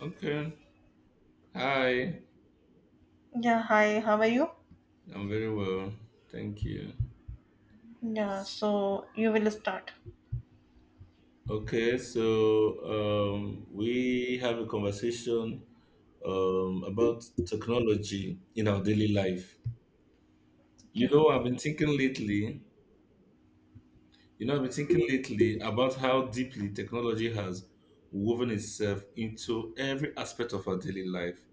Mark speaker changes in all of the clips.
Speaker 1: Okay. Hi.
Speaker 2: Yeah, hi, how are you?
Speaker 1: I'm very well. Thank you.
Speaker 2: Yeah, so you will start.
Speaker 1: Okay, so we have a conversation about technology in our daily life. You
Speaker 2: Yeah,
Speaker 1: know, I've been thinking lately, you know, I've been thinking lately about how deeply technology has woven itself into every aspect of our daily life.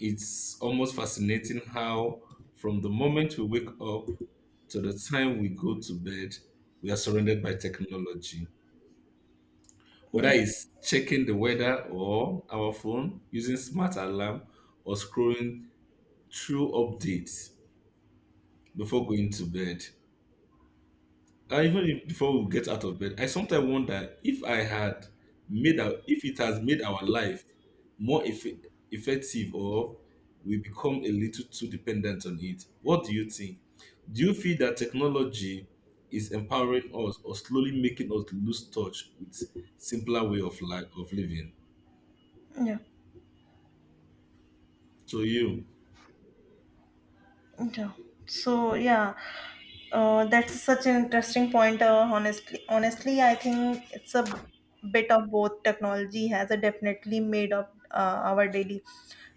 Speaker 1: It's almost fascinating how, from the moment we wake up to the time we go to bed, we are surrounded by technology. Whether
Speaker 2: yeah,
Speaker 1: it's checking the weather or our phone, using smart alarm, or scrolling through updates before going to bed. Even if, before we get out of bed, I sometimes wonder if I had made our, if it has made our life more effective or we become a little too dependent on it. What do you think? Do you feel that technology is empowering us or slowly making us lose touch with simpler way of life of living?
Speaker 2: yeah,
Speaker 1: To you,
Speaker 2: yeah. So yeah, that's such an interesting point. Honestly, I think it's a bit of both. Technology has a definitely made up our daily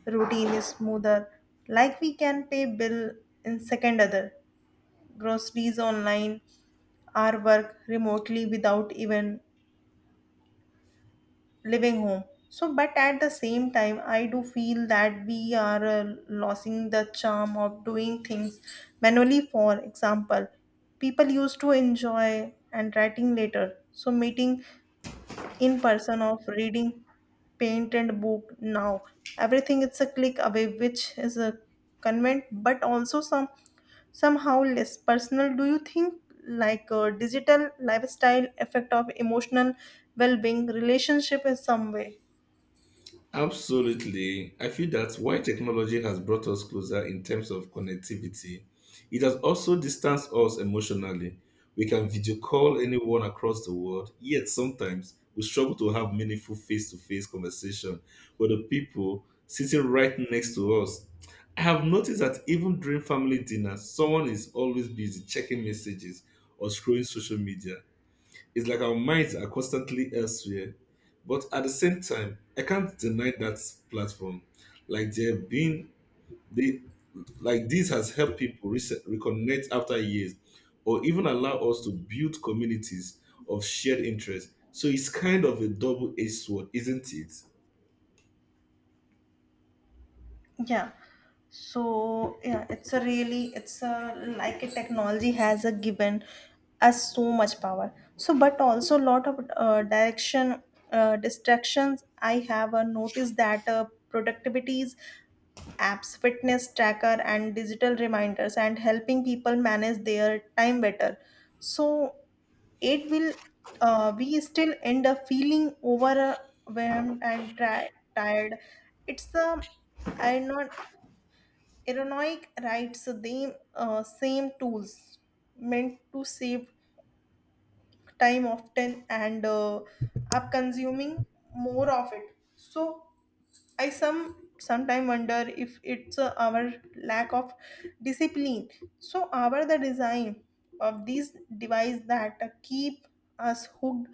Speaker 2: routine is smoother. Like we can pay bill in second other groceries online, our work remotely without even living home so but at the same time I do feel that we are losing the charm of doing things manually for example people used to enjoy and writing later so meeting in person of reading paint and book now everything it's a click away which is a convenient but also somehow less personal do you think like a digital lifestyle effect of emotional well-being relationship in some way
Speaker 1: absolutely. I feel that while technology has brought us closer in terms of connectivity, it has also distanced us emotionally. We can video call anyone across the world, yet sometimes we struggle to have meaningful face to face conversation with the people sitting right next to us. I have noticed that even during family dinners, someone is always busy checking messages or scrolling social media. It's like our minds are constantly elsewhere. But at the same time, I can't deny that platform. Like they have been they like this has helped people reconnect after years or even allow us to build communities of shared interest. So it's kind of a double-edged sword, isn't it?
Speaker 2: yeah so it's a really it's a like a technology has a given us so much power so but also lot of direction distractions I have noticed that productivities apps fitness tracker and digital reminders and helping people manage their time better so it will we still end up feeling overwhelmed and tired it's the I know Aeronautic writes the same tools meant to save time often and are consuming more of it. So I sometime wonder if it's our lack of discipline. So our the design of these device that keep us hooked.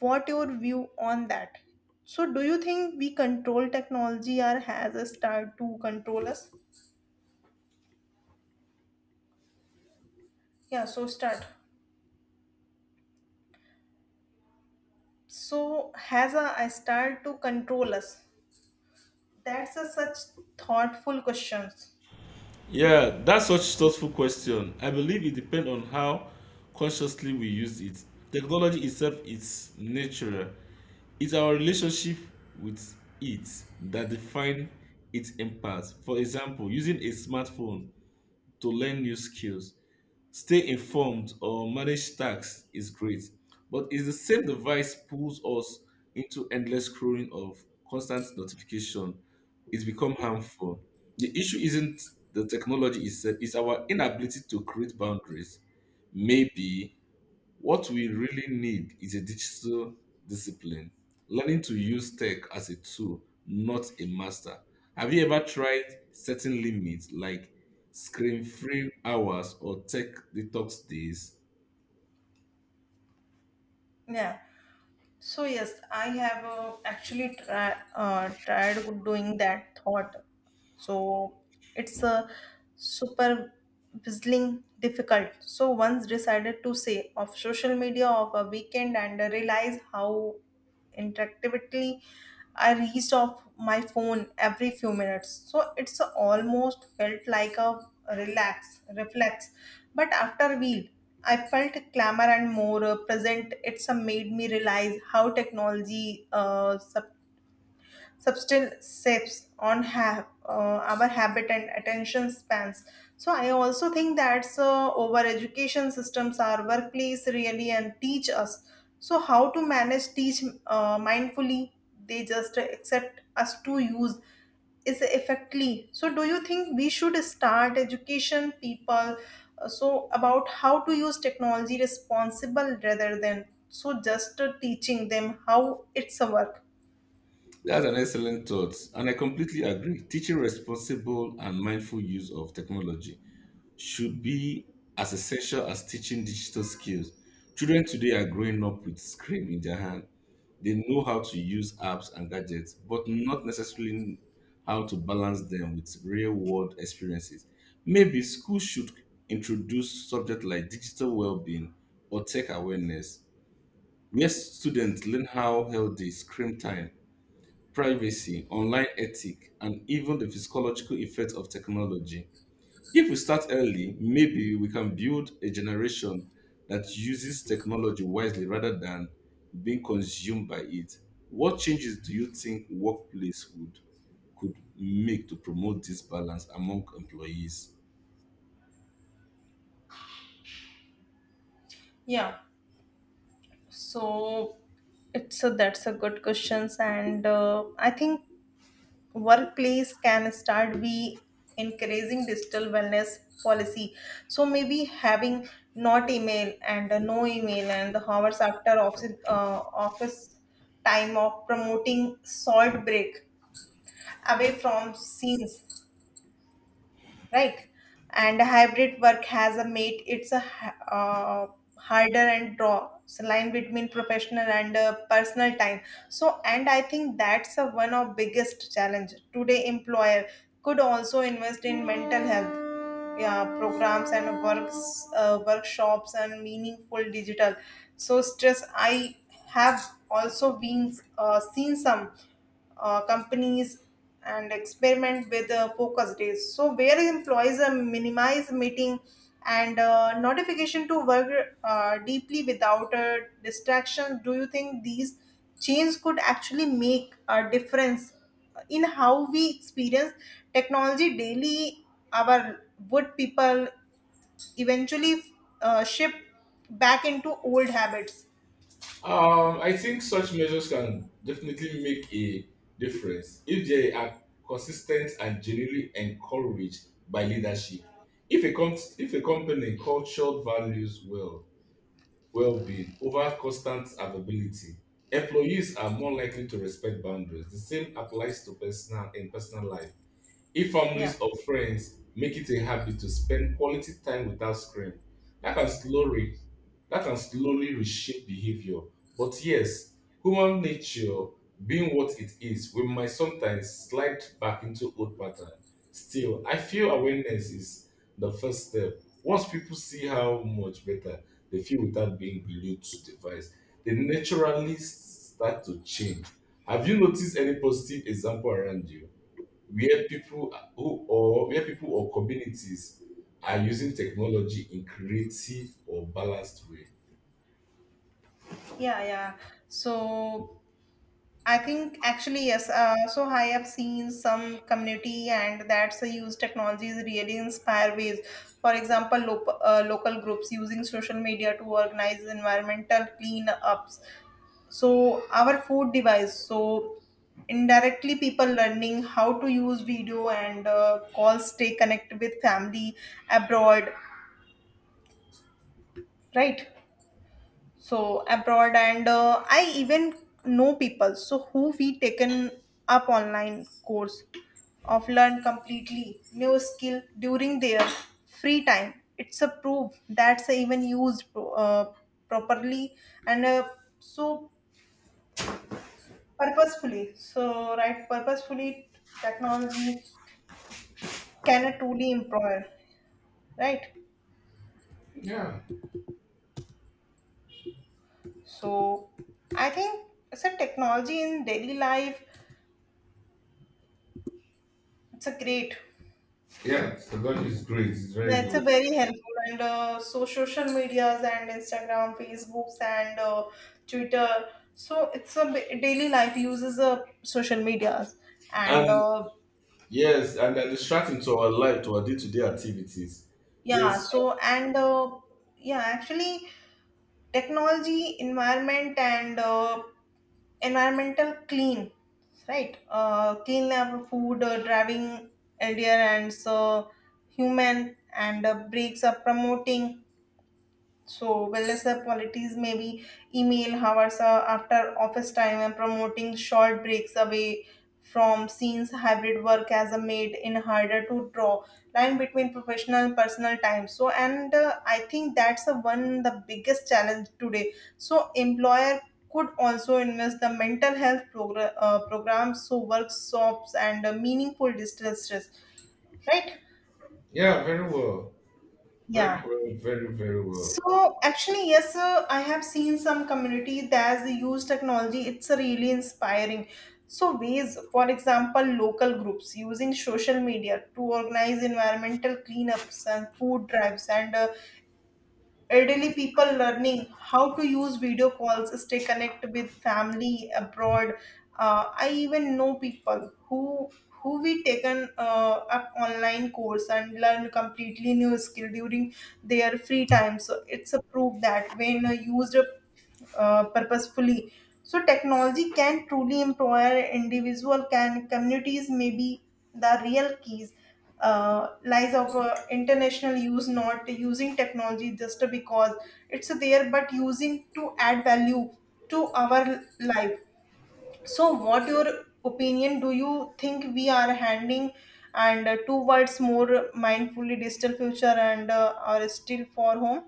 Speaker 2: What your view on that? So do you think we control technology or has a start to control us? Yeah, so start. So has a style to control us? That's a such thoughtful questions.
Speaker 1: Yeah, that's such thoughtful question. I believe it depends on how consciously we use it. Technology itself is natural. It's our relationship with it that define its impact. For example, using a smartphone to learn new skills, stay informed or manage tax is great, but it's the same device pulls us into endless scrolling of constant notification. It's become harmful. The issue isn't the technology itself, it's our inability to create boundaries. Maybe what we really need is a digital discipline, learning to use tech as a tool, not a master. Have you ever tried setting limits like screen free hours or tech detox days?
Speaker 2: Yeah. So yes, I have actually tried doing that thought. So it's a super puzzling difficult. So once decided to say off social media of a weekend and realize how interactively I reached off my phone every few minutes. So it's almost felt like a relax, reflex. But after a while, I felt clamor and more present. It's made me realize how technology substance shapes on our habit and attention spans so I also think that so over education systems our workplace really and teach us so how to manage teach mindfully they just accept us to use is effectively so do you think we should start education people so about how to use technology responsible rather than so just teaching them how it's a work
Speaker 1: That's an excellent thought, and I completely agree. Teaching responsible and mindful use of technology should be as essential as teaching digital skills. Children today are growing up with screen in their hand. They know how to use apps and gadgets, but not necessarily how to balance them with real world experiences. Maybe schools should introduce subjects like digital well being or tech awareness, where students learn how healthy screen time, privacy, online ethics, and even the physiological effects of technology. If we start early, maybe we can build a generation that uses technology wisely rather than being consumed by it. What changes do you think workplace would could make to promote this balance among employees?
Speaker 2: yeah So it's a, that's a good questions and I think workplace can start be encouraging digital wellness policy. So maybe having not email and no email and the hours after office time of promoting salt break away from scenes right and hybrid work has a mate it's a harder and draw so line between professional and personal time so and I think that's a, one of biggest challenge today employer could also invest in mental health yeah, programs and workshops and meaningful digital so stress I have also been seen some companies and experiment with focus days. So where employees minimize meeting and notification to work deeply without distractions. Do you think these changes could actually make a difference in how we experience technology daily? Our would people eventually shift back into old habits?
Speaker 1: I think such measures can definitely make a difference if they are consistent and genuinely encouraged by leadership. If a company culture values well-being over constant availability. Employees are more likely to respect boundaries. The same applies to personal in personal life. If
Speaker 2: Yeah,
Speaker 1: families or friends make it a habit to spend quality time without screen, that can slowly that can slowly reshape behavior. But yes, human nature being what it is, we might sometimes slide back into old pattern. Still, I feel awareness is the first step. Once people see how much better they feel without being glued to device, they naturally start to change. Have you noticed any positive example around you, where people or communities are using technology in creative or balanced way?
Speaker 2: yeah. So I think actually yes. So I have seen some community and that's a use technologies really inspire ways. For example, local groups using social media to organize environmental cleanups. So our food device. So indirectly, people learning how to use video and calls, stay connected with family abroad. Right. so abroad and I even know people so who we taken up online course of learn completely new skill during their free time it's a proof that's even used properly and so purposefully so right purposefully technology can truly empower. Right
Speaker 1: Yeah,
Speaker 2: so I think it's a technology in daily life it's a great
Speaker 1: yeah, technology is great. It's very
Speaker 2: That's a
Speaker 1: good.
Speaker 2: very helpful and so social medias and Instagram, Facebooks and Twitter. So it's a daily life uses social medias and
Speaker 1: And yes, and they distracting to our life, to our day-to-day activities.
Speaker 2: yeah.
Speaker 1: Yes,
Speaker 2: So and yeah, actually technology, environment and environmental clean, right? Clean lab food, driving LDR and so human and breaks are promoting So wellness app qualities may be email hours after office time and promoting short breaks away from scenes hybrid work as a maid in harder to draw line between professional and personal time so and I think that's the one the biggest challenge today so employer could also invest the mental health programs so workshops and meaningful distress stress right
Speaker 1: yeah, very well, very
Speaker 2: yeah
Speaker 1: well, very very well.
Speaker 2: So actually, yes, sir, I have seen some community that use technology. It's really inspiring. So ways, for example, local groups using social media to organize environmental cleanups and food drives and Elderly people learning how to use video calls, stay connected with family abroad. I even know people who we taken up online course and learn completely new skill during their free time. So it's a proof that when used purposefully. So technology can truly empower individual can communities maybe the real keys lies of international use not using technology just because it's there but using to add value to our life. So what your opinion do you think we are handing and towards more mindfully digital future and are still for home?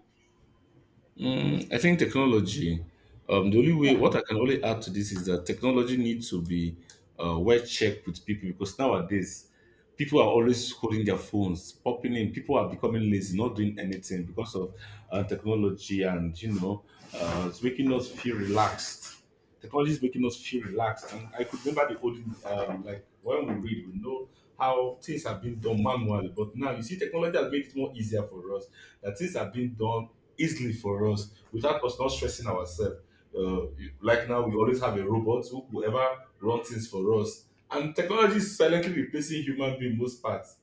Speaker 1: I think technology. Um, the only way,
Speaker 2: Yeah.
Speaker 1: what I can only add to this is that technology needs to be well checked with people, because nowadays people are always holding their phones, popping in. People are becoming lazy, not doing anything because of technology, and it's making us feel relaxed. Technology is making us feel relaxed. And I could remember the olden, like when we read, we know how things have been done manually. But now you see, technology has made it more easier for us. That things have been done easily for us without us not stressing ourselves. Like now, we always have a robot who will ever run things for us. And technology is silently replacing human being most parts.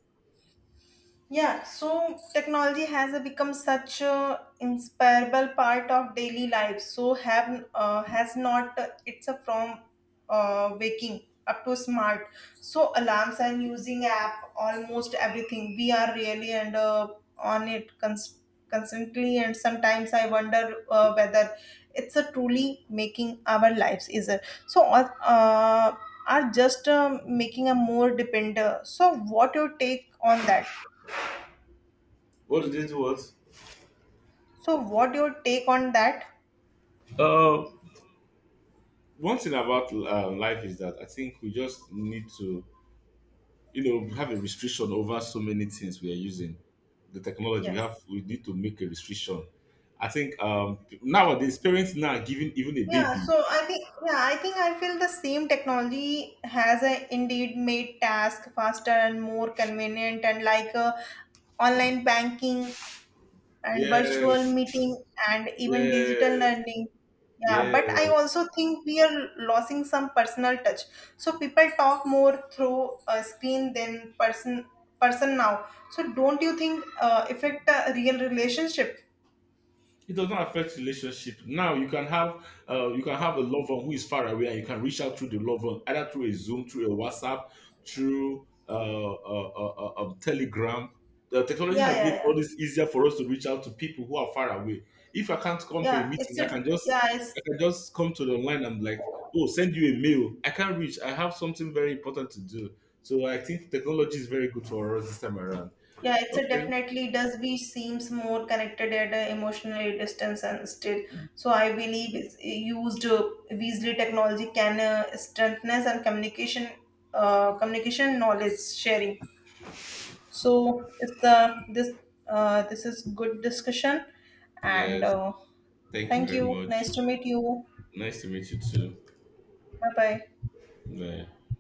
Speaker 2: Yeah, so technology has become such a inseparable part of daily life. So have has not it's a from waking up to smart. So alarms and using app, almost everything. We are really and on it constantly. And sometimes I wonder whether it's a truly making our lives easier. So are just making a more dependent. So what your take on that?
Speaker 1: What do they do? What?
Speaker 2: So what your take on that?
Speaker 1: Uh, one thing about life is that I think we just need to have a restriction over so many things. We are using the technology we
Speaker 2: Yeah.
Speaker 1: have. We need to make a restriction. I think, nowadays parents now are giving even a
Speaker 2: Yeah,
Speaker 1: baby.
Speaker 2: so I think yeah, I think I feel the same technology has indeed made task faster and more convenient and like online banking and virtual
Speaker 1: Yes,
Speaker 2: meeting and even digital
Speaker 1: yes,
Speaker 2: learning. Yeah, but I
Speaker 1: yes,
Speaker 2: also think we are losing some personal touch. So people talk more through a screen than person now. So don't you think affect a real relationship?
Speaker 1: it does not affect relationship. Now you can have a loved one who is far away, and you can reach out through the loved one, either through a Zoom, through a WhatsApp, through Telegram. The technology
Speaker 2: Yeah,
Speaker 1: has made
Speaker 2: yeah, yeah.
Speaker 1: all this easier for us to reach out to people who are far away. If I can't come for a
Speaker 2: Yeah, it's
Speaker 1: meeting, i
Speaker 2: a
Speaker 1: can just
Speaker 2: yeah,
Speaker 1: i
Speaker 2: it's
Speaker 1: can just come to the online and like, oh, send you a mail. I can't reach. I have something very important to do. So I think technology is very good for us this time around.
Speaker 2: yeah, it's a
Speaker 1: Okay.
Speaker 2: definitely does we seems more connected at a emotional distance and still. So I believe it's eh, used Weasley technology can strengthen and communication knowledge sharing. So it's the this this is good discussion, and
Speaker 1: Yes, thank you
Speaker 2: thank
Speaker 1: very
Speaker 2: you.
Speaker 1: much.
Speaker 2: Nice to meet you.
Speaker 1: Nice to meet you too.
Speaker 2: Bye bye.
Speaker 1: Right.